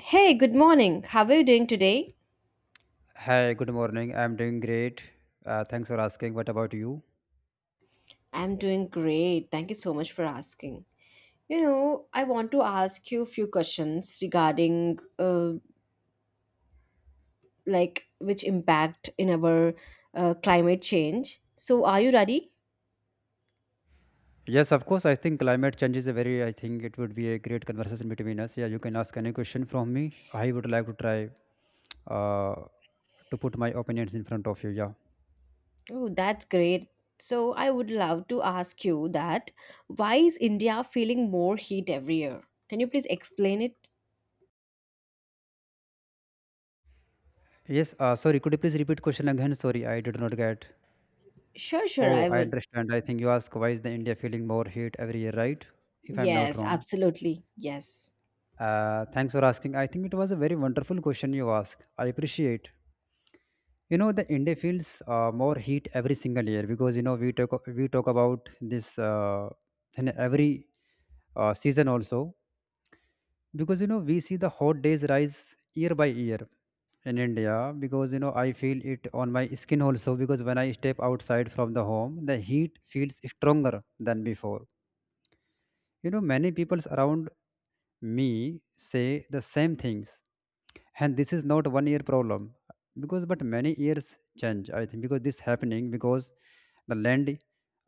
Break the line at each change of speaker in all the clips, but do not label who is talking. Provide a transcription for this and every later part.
Hey, good morning. How are you doing today?
Hi, good morning. I'm doing great. Thanks for asking. What about you?
I'm doing great. Thank you so much for asking. You know, I want to ask you a few questions regarding like which impact in our climate change. So, are you ready?
Yes, of course. I think climate change is I think it would be a great conversation between us. Yeah, you can ask any question from me. I would like to try uh, to put my opinions in front of you. Yeah.
Oh, that's great. So, I would love to ask you that why is India feeling more heat every year? Can you please explain it?
Yes, Sorry. Could you please repeat question again? Sorry, I did not get.
Sure, sure,
Oh,
I
I
would.
understand. I think you ask why is the India feeling more heat every year, right? If I'm not
Yes,
wrong.
absolutely. Yes.
Thanks for asking. I think it was a very wonderful question you asked. I appreciate. You know, the india feels more heat every single year because you know, we talk about this in every season also because you know we see the hot days rise year by year in india because you know I feel it on my skin also because when I step outside from the home the heat feels stronger than before. You know, many people around me say the same things, and this is not one year problem because but many years change. I think because this happening because the land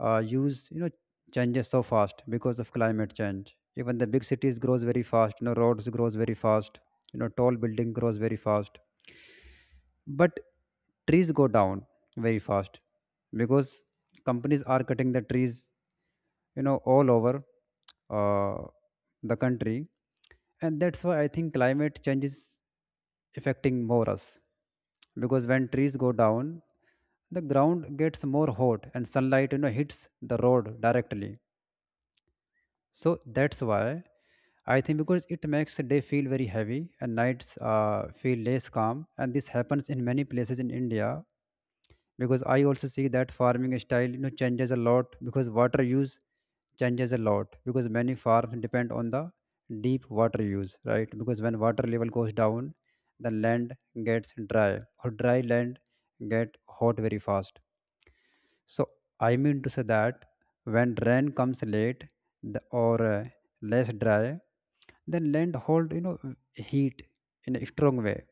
use, you know, changes so fast because of climate change. Even the big cities grows very fast. You know, roads grows very fast. You know, tall building grows very fast. But trees go down very fast because companies are cutting the trees, you know, all over uh, the country, and that's why I think climate change is affecting more us because when trees go down the ground gets more hot and sunlight, you know, hits the road directly. So that's why I think because it makes the day feel very heavy and nights feel less calm, and this happens in many places in india because I also see that farming style, you know, changes a lot because water use changes a lot because many farms depend on the deep water use, right? Because when water level goes down the land gets dry, or dry land get hot very fast. So I mean to say that when rain comes late or less dry, then land hold, you know, heat in a strong way,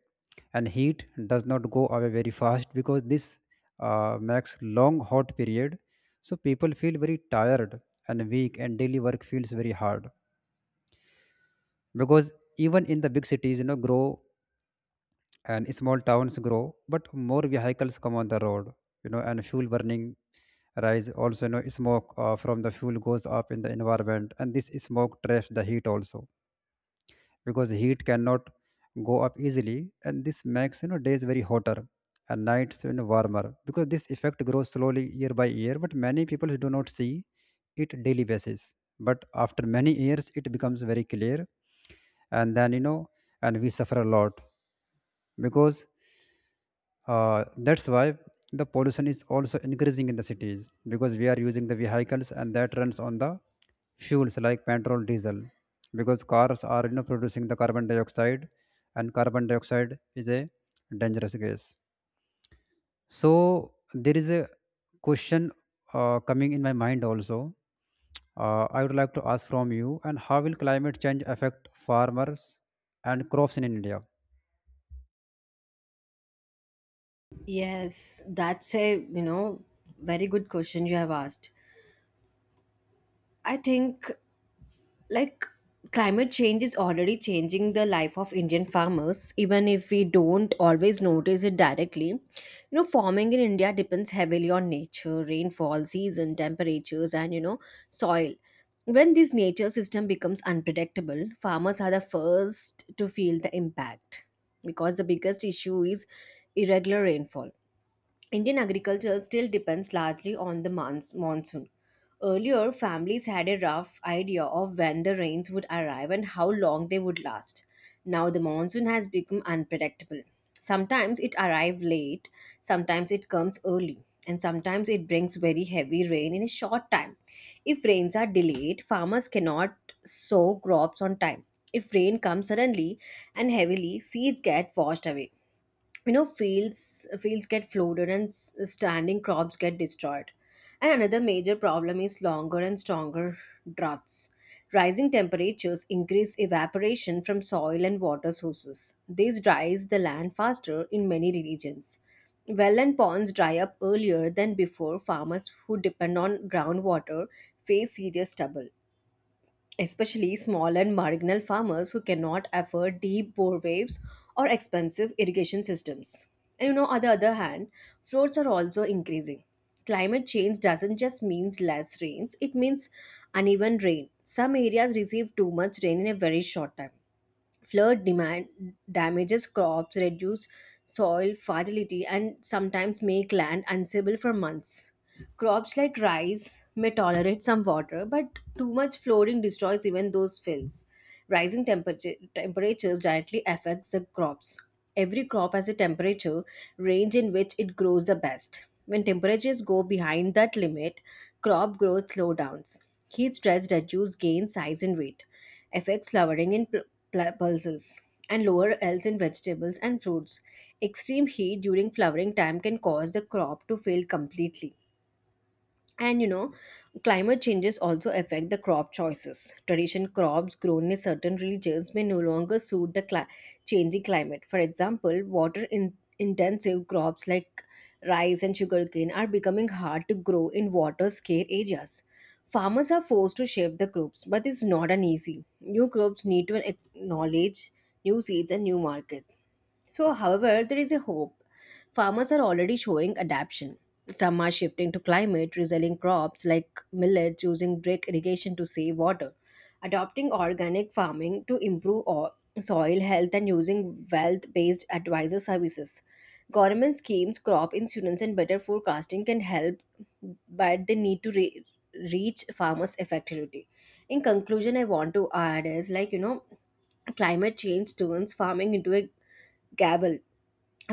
and heat does not go away very fast because this makes long hot period. So people feel very tired and weak, and daily work feels very hard because even in the big cities, you know, grow and small towns grow, but more vehicles come on the road, you know, and fuel burning rise. Also, you know, smoke from the fuel goes up in the environment, and this smoke traps the heat also because heat cannot go up easily, and this makes, you know, days very hotter and nights, you know, warmer because this effect grows slowly year by year, but many people do not see it daily basis. But after many years, it becomes very clear, and then, you know, and we suffer a lot because that's why the pollution is also increasing in the cities because we are using the vehicles, and that runs on the fuels like petrol, diesel. Because cars are, you know, producing the carbon dioxide, and carbon dioxide is a dangerous gas. So there is a question coming in my mind also. I would like to ask from you, and how will climate change affect farmers and crops in India?
Yes, that's a, you know, very good question you have asked. I think like climate change is already changing the life of Indian farmers, even if we don't always notice it directly. You know, farming in India depends heavily on nature, rainfall, season, temperatures, and you know, soil. When this nature system becomes unpredictable, farmers are the first to feel the impact because the biggest issue is irregular rainfall. Indian agriculture still depends largely on the monsoon. Earlier, families had a rough idea of when the rains would arrive and how long they would last. Now, the monsoon has become unpredictable. Sometimes it arrives late, sometimes it comes early, and sometimes it brings very heavy rain in a short time. If rains are delayed, farmers cannot sow crops on time. If rain comes suddenly and heavily, seeds get washed away, you know, fields get flooded and standing crops get destroyed. And another major problem is longer and stronger droughts. Rising temperatures increase evaporation from soil and water sources. This dries the land faster in many regions. Well and ponds dry up earlier than before. Farmers who depend on groundwater face serious trouble, especially small and marginal farmers who cannot afford deep bore waves or expensive irrigation systems. And you know, on the other hand, floods are also increasing. Climate change doesn't just means less rains, it means uneven rain. Some areas receive too much rain in a very short time. Flood demand damages crops, reduce soil fertility, and sometimes make land unstable for months. Crops like rice may tolerate some water, but too much flooding destroys even those fields. Temperatures directly affects the crops. Every crop has a temperature range in which it grows the best. When temperatures go behind that limit, crop growth slowdowns. Heat stress reduces gain size and weight, affects flowering in pulses and lower yields in vegetables and fruits. Extreme heat during flowering time can cause the crop to fail completely. And you know, climate changes also affect the crop choices. Tradition crops grown in certain regions may no longer suit the changing climate. For example, water intensive crops like rice and sugarcane are becoming hard to grow in water scarce areas. Farmers are forced to shift the crops, but it's not an easy. New crops need to acknowledge new seeds and new markets. So, however, there is a hope. Farmers are already showing adaptation. Some are shifting to climate resilient crops like millets, using drip irrigation to save water, adopting organic farming to improve soil health, and using wealth-based advisor services. Government schemes, crop insurance and better forecasting can help, but they need to reach farmers effectively. In conclusion, I want to add is like, you know, climate change turns farming into a gamble.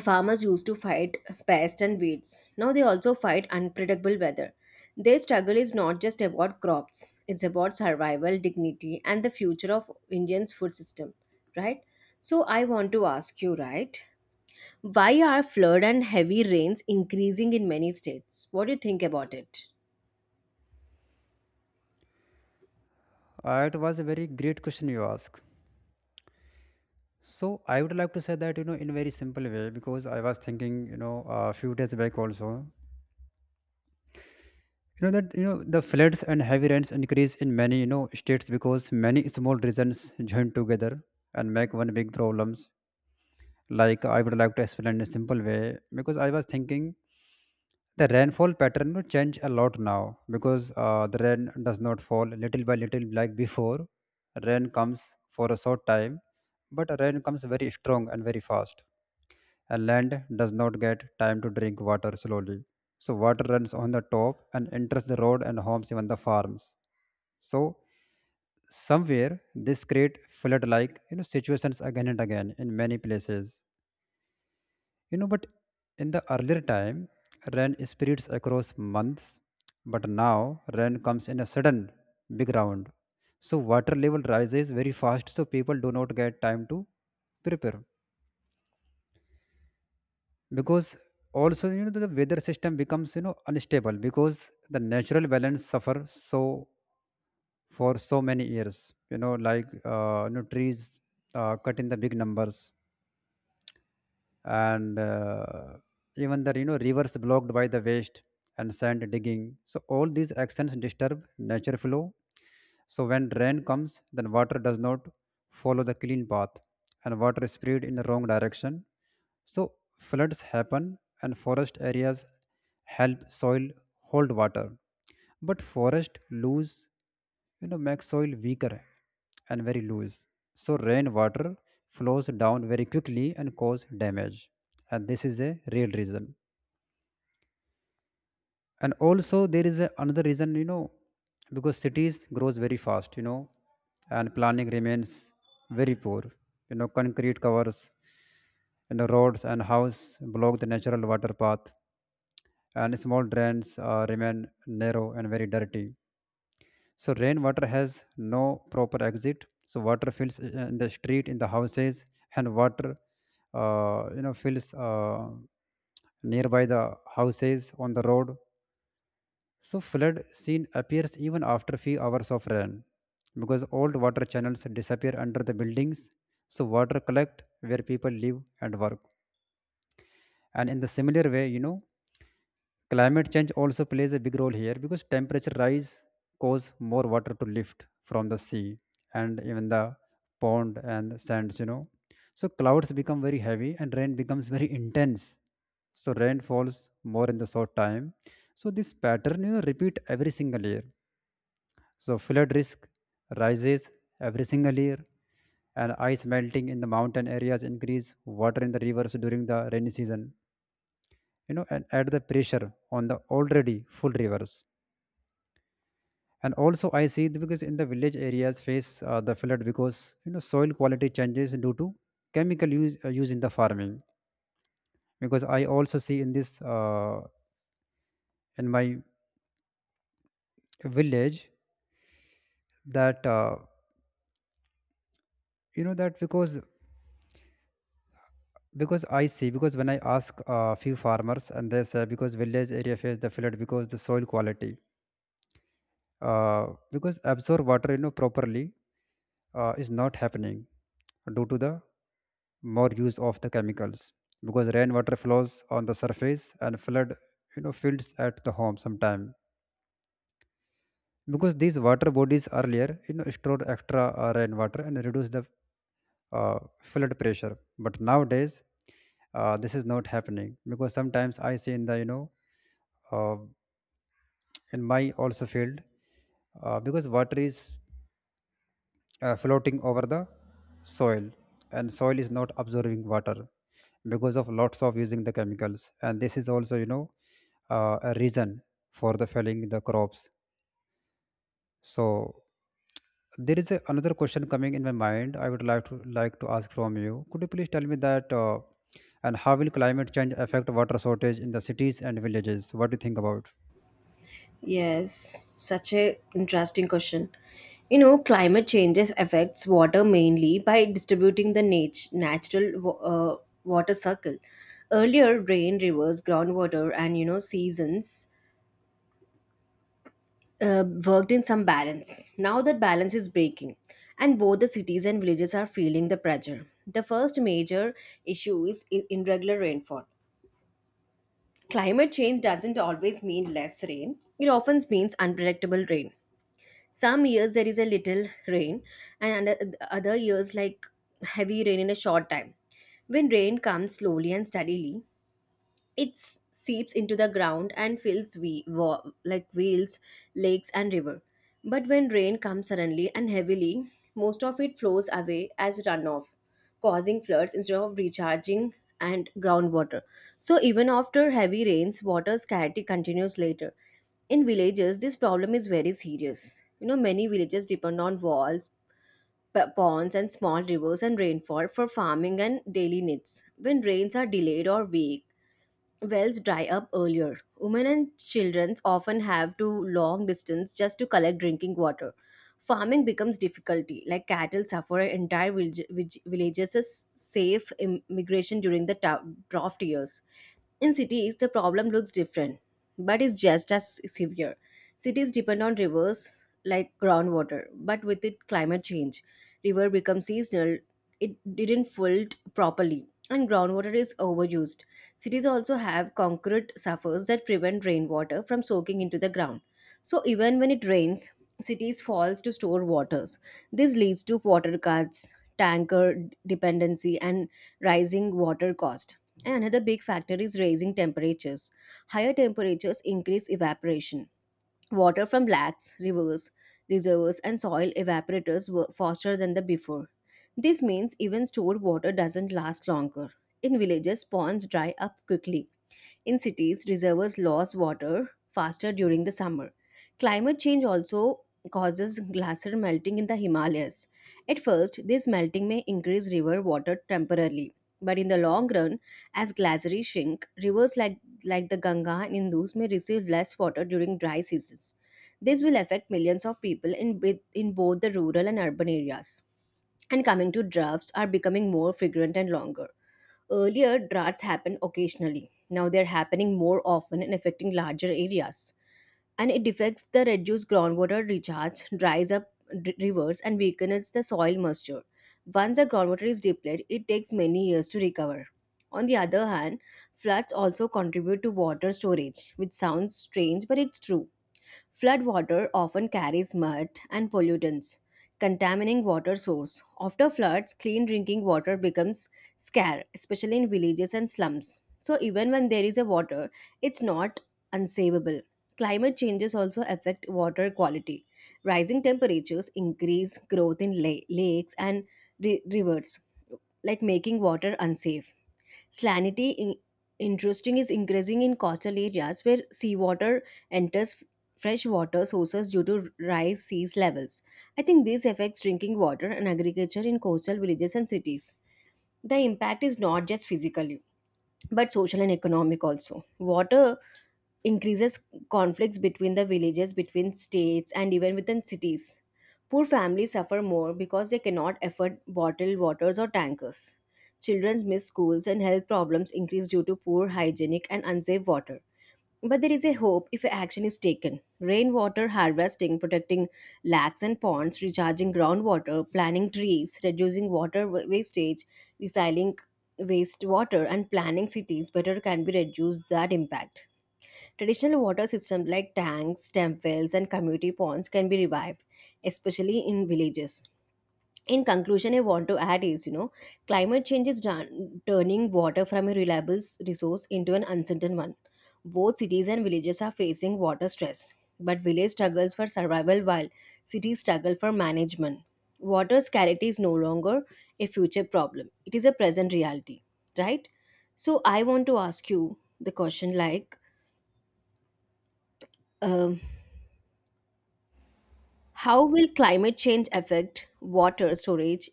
Farmers used to fight pests and weeds. Now they also fight unpredictable weather. Their struggle is not just about crops, it's about survival, dignity, and the future of Indian's food system, right? So I want to ask you, right? Why are flood and heavy rains increasing in many states? What do you think about it?
It was a very great question you asked. So I would like to say that, you know, in very simple way because I was thinking, you know, a few days back also, you know, that you know the floods and heavy rains increase in many, you know, states because many small regions join together and make one big problems. Like I would like to explain in a simple way because I was thinking the rainfall pattern will change a lot now because the rain does not fall little by little like before. Rain comes for a short time, but rain comes very strong and very fast. A land does not get time to drink water slowly. So water runs on the top and enters the road and homes, even the farms. So somewhere this create flood like, you know, situations again and again in many places. You know, but in the earlier time, rain spreads across months, but now rain comes in a sudden big round. So water level rises very fast, so people do not get time to prepare. Because also, you know, the weather system becomes, you know, unstable because the natural balance suffer so for so many years, you know, like you know, trees cut in the big numbers, and even the, you know, rivers blocked by the waste and sand digging. So all these actions disturb nature flow. So when rain comes then water does not follow the clean path, and water is spread in the wrong direction, so floods happen. And forest areas help soil hold water. But forest loose, you know, makes soil weaker and very loose. So rainwater flows down very quickly and cause damage. And this is a real reason. And also there is another reason, you know, because cities grows very fast, you know, and planning remains very poor. You know, concrete covers, you know, roads and house block the natural water path, and small drains remain narrow and very dirty. So rainwater has no proper exit. So water fills in the street, in the houses, and water you know, fills nearby the houses on the road. So flood scene appears even after few hours of rain because old water channels disappear under the buildings. So water collect where people live and work. And in the similar way, you know, climate change also plays a big role here because temperature rise cause more water to lift from the sea and even the pond and sands, you know. So clouds become very heavy and rain becomes very intense, so rain falls more in the short time. So this pattern, you know, repeat every single year. So flood risk rises every single year, and ice melting in the mountain areas increase water in the rivers during the rainy season. You know, and add the pressure on the already full rivers. And also, I see it because in the village areas face the flood because, you know, soil quality changes due to chemical use in the farming. Because I also see in this in my village that you know that because when I ask a few farmers, and they say because village area face the flood because the soil quality because absorb water, you know, properly is not happening due to the more use of the chemicals because rainwater flows on the surface and flood, you know, fields at the home sometime because these water bodies earlier, you know, stored extra rainwater and reduce the flood pressure. But nowadays, this is not happening because sometimes I see in the, you know, uh, in my also field because water is floating over the soil, and soil is not absorbing water because of lots of using the chemicals, and this is also, you know, a reason for the felling the crops. So there is another question coming in my mind. I would like to ask from you. Could you please tell me that and how will climate change affect water shortage in the cities and villages? What do you think about?
Yes, such a interesting question. You know, climate changes affects water mainly by distributing the natural water cycle. Earlier, rain, rivers, groundwater, and you know seasons worked in some balance. Now that balance is breaking, and both the cities and villages are feeling the pressure. The first major issue is irregular rainfall. Climate change doesn't always mean less rain. It often means unpredictable rain. Some years there is a little rain, and other years like heavy rain in a short time. When rain comes slowly and steadily, it seeps into the ground and fills like wheels, lakes, and river. But when rain comes suddenly and heavily, most of it flows away as runoff, causing floods instead of recharging and groundwater. So even after heavy rains, water scarcity continues later. In villages, this problem is very serious. You know, many villages depend on walls, ponds, and small rivers and rainfall for farming and daily needs. When rains are delayed or weak, wells dry up earlier. Women and children often have to long distance just to collect drinking water. Farming becomes difficulty, like cattle suffer and entire villages is safe immigration during the drought years. In cities, the problem looks different, but is just as severe. Cities depend on rivers like groundwater, but with it, climate change. River becomes seasonal, it didn't flood properly, and groundwater is overused. Cities also have concrete surfaces that prevent rainwater from soaking into the ground. So even when it rains, cities falls to store waters. This leads to water cuts, tanker dependency and rising water cost. And another big factor is raising temperatures. Higher temperatures increase evaporation. Water from lakes, rivers, reservoirs, and soil evaporators were faster than the before. This means even stored water doesn't last longer. In villages, ponds dry up quickly. In cities, reservoirs lose water faster during the summer. Climate change also causes glacier melting in the Himalayas. At first, this melting may increase river water temporarily. But in the long run, as glaciers shrink, rivers like the Ganga and Indus may receive less water during dry seasons. This will affect millions of people in, in both the rural and urban areas. And coming to droughts are becoming more frequent and longer. Earlier, droughts happened occasionally. Now they're happening more often and affecting larger areas. And it affects the reduced groundwater recharge, dries up rivers, and weakens the soil moisture. Once the groundwater is depleted, it takes many years to recover. On the other hand, floods also contribute to water storage, which sounds strange, but it's true. Floodwater often carries mud and pollutants, contaminating water source. After floods, clean drinking water becomes scarce, especially in villages and slums. So even when there is a water, it's not unsavable. Climate changes also affect water quality. Rising temperatures increase growth in lakes and rivers, like making water unsafe. Salinity interesting is increasing in coastal areas where seawater enters freshwater sources due to rise sea levels. I think this affects drinking water and agriculture in coastal villages and cities. The impact is not just physically, but social and economic also. Water increases conflicts between the villages, between states, and even within cities. Poor families suffer more because they cannot afford bottled waters or tankers. Children miss schools, and health problems increase due to poor hygienic and unsafe water. But there is a hope if action is taken. Rainwater harvesting, protecting lakes and ponds, recharging groundwater, planting trees, reducing water wastage, recycling wastewater, and planning cities better can be reduced that impact. Traditional water systems like tanks, stem wells, and community ponds can be revived, especially in villages. In conclusion, I want to add is you know, climate change is done, turning water from a reliable resource into an uncertain one. Both cities and villages are facing water stress, but village struggles for survival while cities struggle for management. Water scarcity is no longer a future problem; it is a present reality, right? So I want to ask you the question like. Um, How will climate change affect water storage?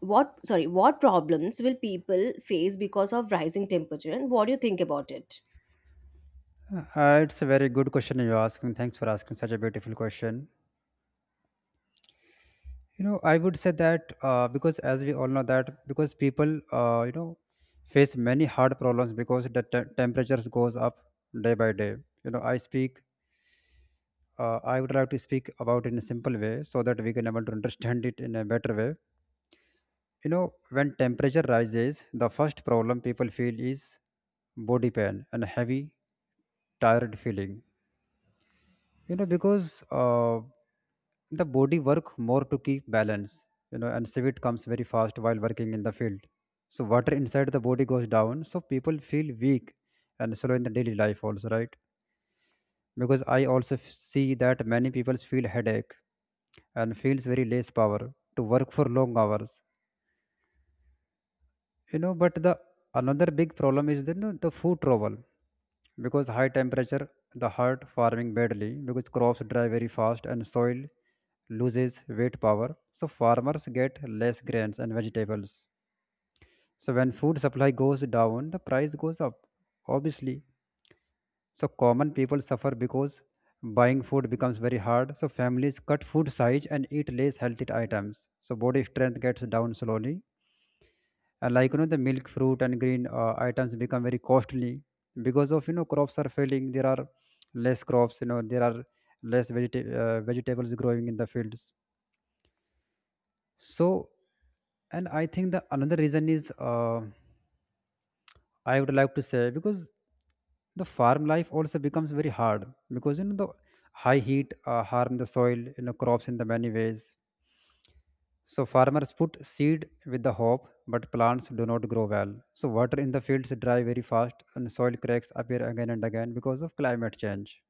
What sorry, what problems will people face because of rising temperature and what do you think about it?
It's a very good question you're asking. Thanks for asking such a beautiful question. You know, I would say that because as we all know that because people, you know, face many hard problems because the temperatures goes up day by day. You know, I would like to speak about in a simple way so that we can able to understand it in a better way. You know, when temperature rises, the first problem people feel is body pain and heavy, tired feeling. You know, because the body work more to keep balance. You know, and sweat comes very fast while working in the field. So water inside the body goes down, so people feel weak and slow in the daily life also, right? Because I also see that many people feel headache and feels very less power to work for long hours, you know. But the another big problem is the then the food trouble because high temperature the heart farming badly because crops dry very fast and soil loses weight power. So farmers get less grains and vegetables. So when food supply goes down the price goes up, obviously. So common people suffer because buying food becomes very hard. So families cut food size and eat less healthy items. So body strength gets down slowly. And like the milk, fruit, and green items become very costly because of crops are failing. There are less crops. There are less vegetables growing in the fields. So, and I think the another reason is. I would like to say because the farm life also becomes very hard because the high heat harm the soil, you know, crops in the many ways. So farmers put seed with the hope, but plants do not grow well. So water in the fields dry very fast and soil cracks appear again and again because of climate change.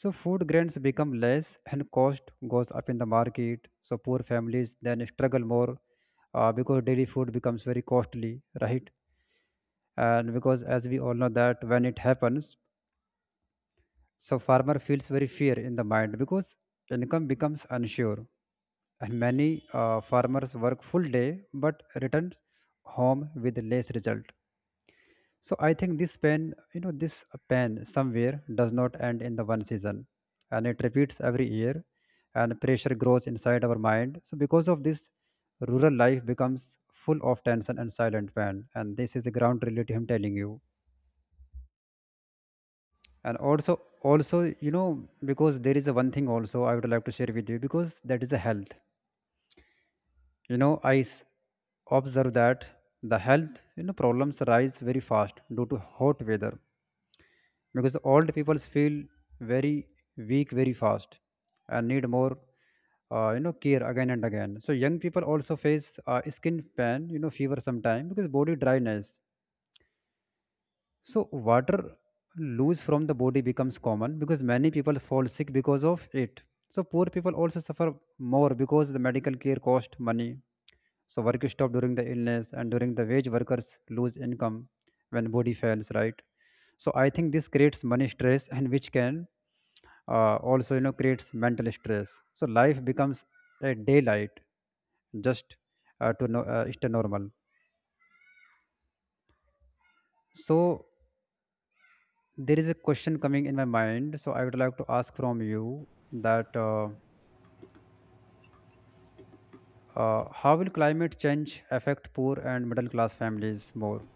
So food grains become less and cost goes up in the market, so poor families then struggle more, because daily food becomes very costly, right? And because as we all know that when it happens, so farmer feels very fear in the mind because income becomes unsure. And many farmers work full day but return home with less result. So I think this pain, you know, this pain somewhere does not end in the one season, and it repeats every year, and pressure grows inside our mind. So because of this, rural life becomes full of tension and silent pain, and this is the ground reality I'm telling you. And also, also, you know, because there is a one thing also I would like to share with you, because that is a health. You know, observe that the health, you know, problems rise very fast due to hot weather because old people feel very weak very fast and need more care again and again. So young people also face skin pain, you know, fever sometime because body dryness. So water loose from the body becomes common because many people fall sick because of it. So poor people also suffer more because the medical care cost money. So work is stopped during the illness, and during the wage workers lose income when body fails, right? So I think this creates money stress, and which can also, you know, creates mental stress. So life becomes a daylight just to no, stay normal. So there is a question coming in my mind, so I would like to ask from you that how will climate change affect poor and middle class families more?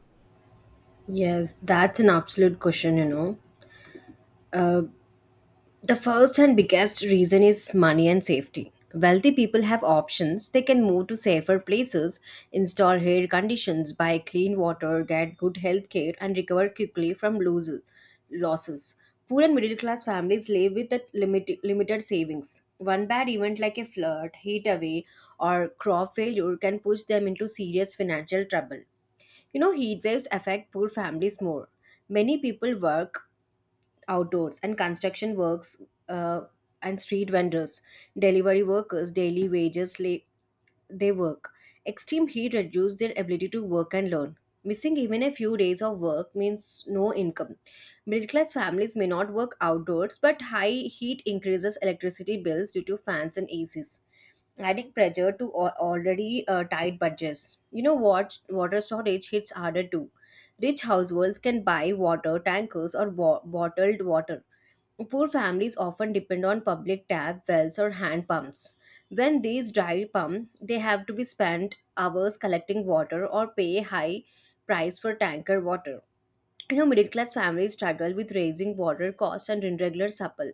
Yes, that's an absolute question, you know. The first and biggest reason is money and safety. Wealthy people have options. They can move to safer places, install air conditions, buy clean water, get good health care, and recover quickly from losses. Poor and middle class families live with the limited savings. One bad event like a flood, heat away, or crop failure can push them into serious financial trouble. You know, heat waves affect poor families more. Many people work outdoors and construction works uh, and street vendors, delivery workers, daily wages, they work. Extreme heat reduces their ability to work and learn. Missing even a few days of work means no income. Middle class families may not work outdoors, but high heat increases electricity bills due to fans and ACs, adding pressure to already tight budgets. You know what? Water storage hits harder too. Rich households can buy water tankers or bottled water. Poor families often depend on public tap wells or hand pumps. When these dry pump, they have to be spent hours collecting water or pay high price for tanker water. You know, middle class families struggle with raising water costs and irregular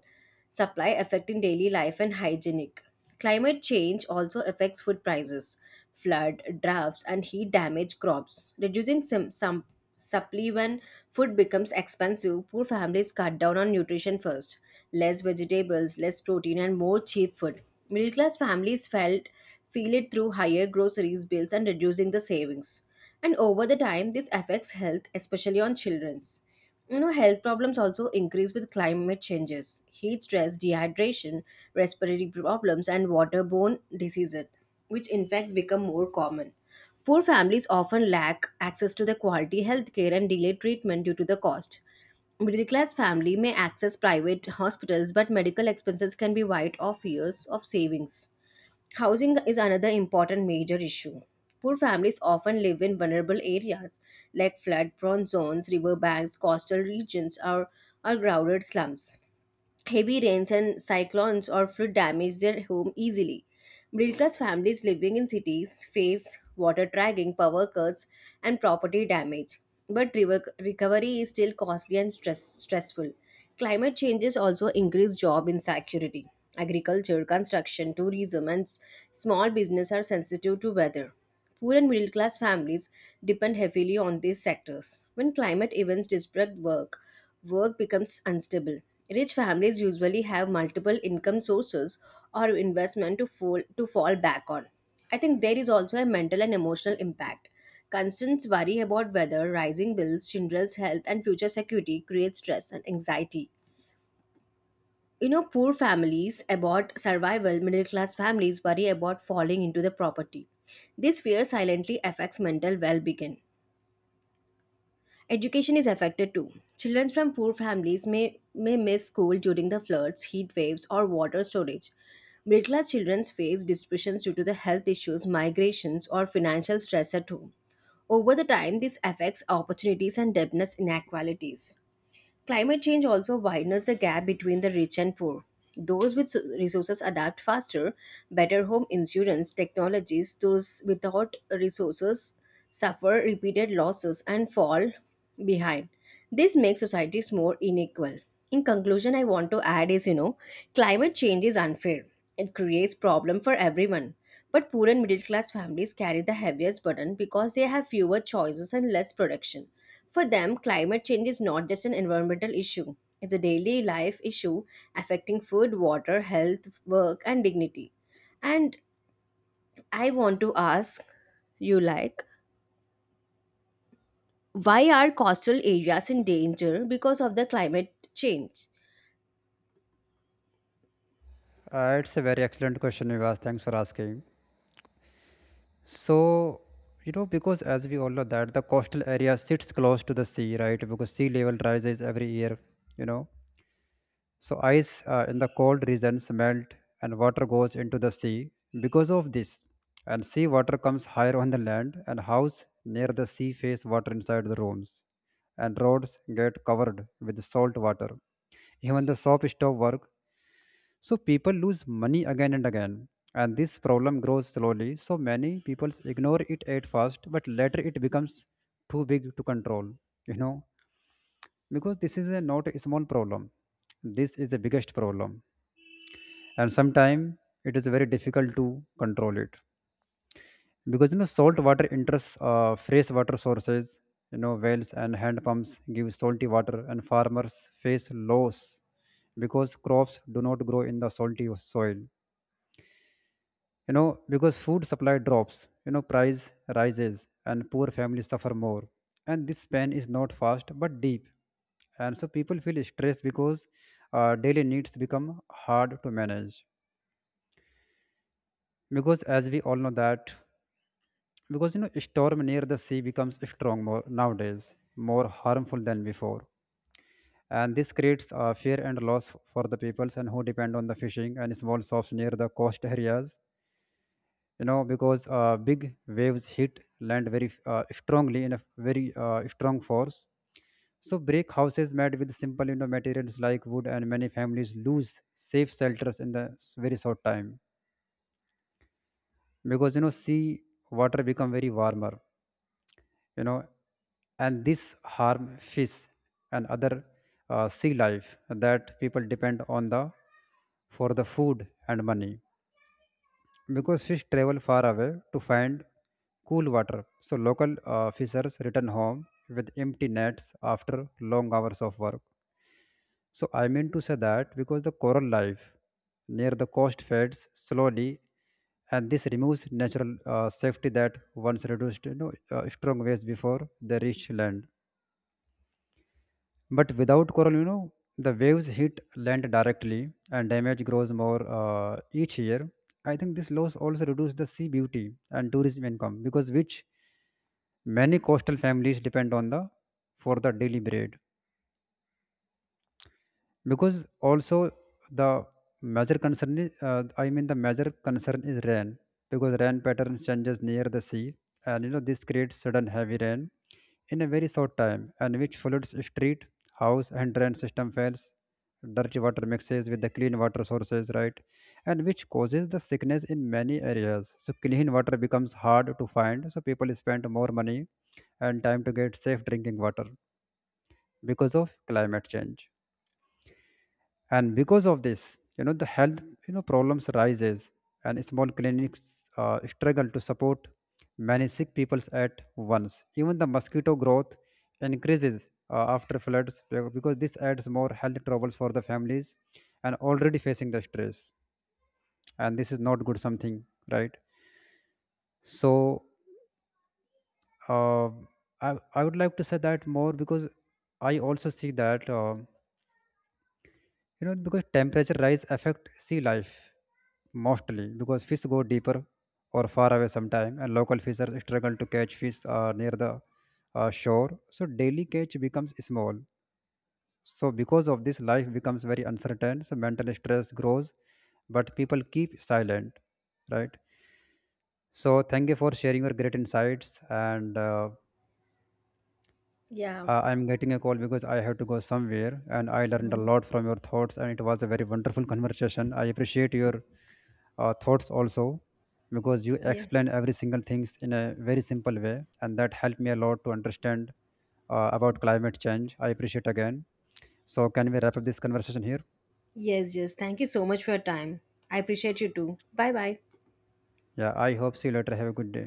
supply, affecting daily life and hygienic. Climate change also affects food prices. Flood, droughts, and heat damage crops. Reducing some supply when food becomes expensive, poor families cut down on nutrition first. Less vegetables, less protein, and more cheap food. Middle class families felt feel it through higher groceries bills and reducing the savings, and over the time this affects health, especially on children's, you know, health problems also increase with climate changes. Heat stress, dehydration, respiratory problems, and waterborne diseases which infects become more common. Poor families often lack access to the quality health care and delay treatment due to the cost. Middle class family may access private hospitals, but medical expenses can be wiped off years of savings. Housing is another important major issue. Poor families often live in vulnerable areas like flood prone zones, riverbanks, coastal regions, or crowded slums. Heavy rains and cyclones or flood damage their home easily. Middle class families living in cities face water dragging, power cuts, and property damage. But recovery is still costly and stressful. Climate changes also increase job insecurity. Agriculture, construction, tourism, and small business are sensitive to weather. Poor and middle class families depend heavily on these sectors. When climate events disrupt work, work becomes unstable. Rich families usually have multiple income sources or investment to fall back on. I think there is also a mental and emotional impact. Constant worry about weather, rising bills, children's health, and future security creates stress and anxiety. You know, poor families about survival, middle class families worry about falling into the property. This fear silently affects mental well being. Education is affected too. Children from poor families may miss school during the floods, heat waves, or water shortage. Middle class children face disruptions due to the health issues, migrations, or financial stress at home. Over the time, this affects opportunities and depthness inequalities. Climate change also widens the gap between the rich and poor. Those with resources adapt faster, better home insurance technologies, those without resources suffer repeated losses and fall behind. This makes societies more unequal. In conclusion, I want to add is you know, climate change is unfair. It creates problem for everyone. But poor and middle class families carry the heaviest burden because they have fewer choices and less production. For them, climate change is not just an environmental issue, it's a daily life issue affecting food, water, health, work, and dignity. And I want to ask you, like, why are coastal areas in danger because of the climate change?
It's a very excellent question you asked. Thanks for asking. So, you know, because as we all know that the coastal area sits close to the sea, right? Because sea level rises every year, you know. So ice in the cold regions melt and water goes into the sea because of this. And sea water comes higher on the land, and house near the sea face water inside the rooms. And roads get covered with salt water. Even the shop stop work. So people lose money again and again. And this problem grows slowly. So many people ignore it at first, but later it becomes too big to control. You know, because this is a not a small problem. This is the biggest problem, and sometimes it is very difficult to control it because, you know, salt water enters fresh water sources. You know, wells and hand pumps give salty water, and farmers face loss because crops do not grow in the salty soil. You know, because food supply drops, you know, price rises and poor families suffer more. And this pain is not fast but deep. And so people feel stressed because daily needs become hard to manage, because as we all know that, because you know storm near the sea becomes strong more nowadays, more harmful than before. And this creates fear and loss for the peoples and who depend on the fishing and small shops near the coast areas. You know, because big waves hit land very strongly, in a very strong force. So brick houses made with simple, you know, materials like wood, and many families lose safe shelters in the very short time. Because, you know, sea water become very warmer, you know, and this harm fish and other sea life that people depend on the for the food and money. Because fish travel far away to find cool water, so local fishers return home with empty nets after long hours of work. So I mean to say that, because the coral life near the coast fades slowly, and this removes natural safety that once reduced, strong waves before they reach land. But without coral, you know, the waves hit land directly and damage grows more each year. I think this loss also reduces the sea beauty and tourism income because which many coastal families depend on the for the daily bread. Because also the major concern is the major concern is rain, because rain pattern changes near the sea. And, you know, this creates sudden heavy rain in a very short time, and which floods street, house, and drain system fails. Dirty water mixes with the clean water sources, right? And which causes the sickness in many areas. So clean water becomes hard to find, so people spend more money and time to get safe drinking water because of climate change. And because of this, you know, the health, you know, problems rises, and small clinics struggle to support many sick people at once. Even the mosquito growth increases after floods, because this adds more health troubles for the families and already facing the stress. And this is not good something, right? So, uh, I would like to say that more because I also see that you know, because temperature rise affect sea life mostly because fish go deeper or far away sometime, and local fishers struggle to catch fish near the shore. So daily catch becomes small. So because of this, life becomes very uncertain, so mental stress grows, but people keep silent, right? So thank you for sharing your great insights. And uh,
Yeah.
I- i'm getting a call because I have to go somewhere, and I learned a
Mhm.
lot from your thoughts, and it was a very wonderful conversation. I appreciate your thoughts also, because you
Yeah.
explain every single things in a very simple way, and that helped me a lot to understand about climate change. I appreciate again. So can we wrap up this conversation here?
Yes, yes. Thank you so much for your time. I appreciate you too. Bye bye.
Yeah, I hope see you later. Have a good day.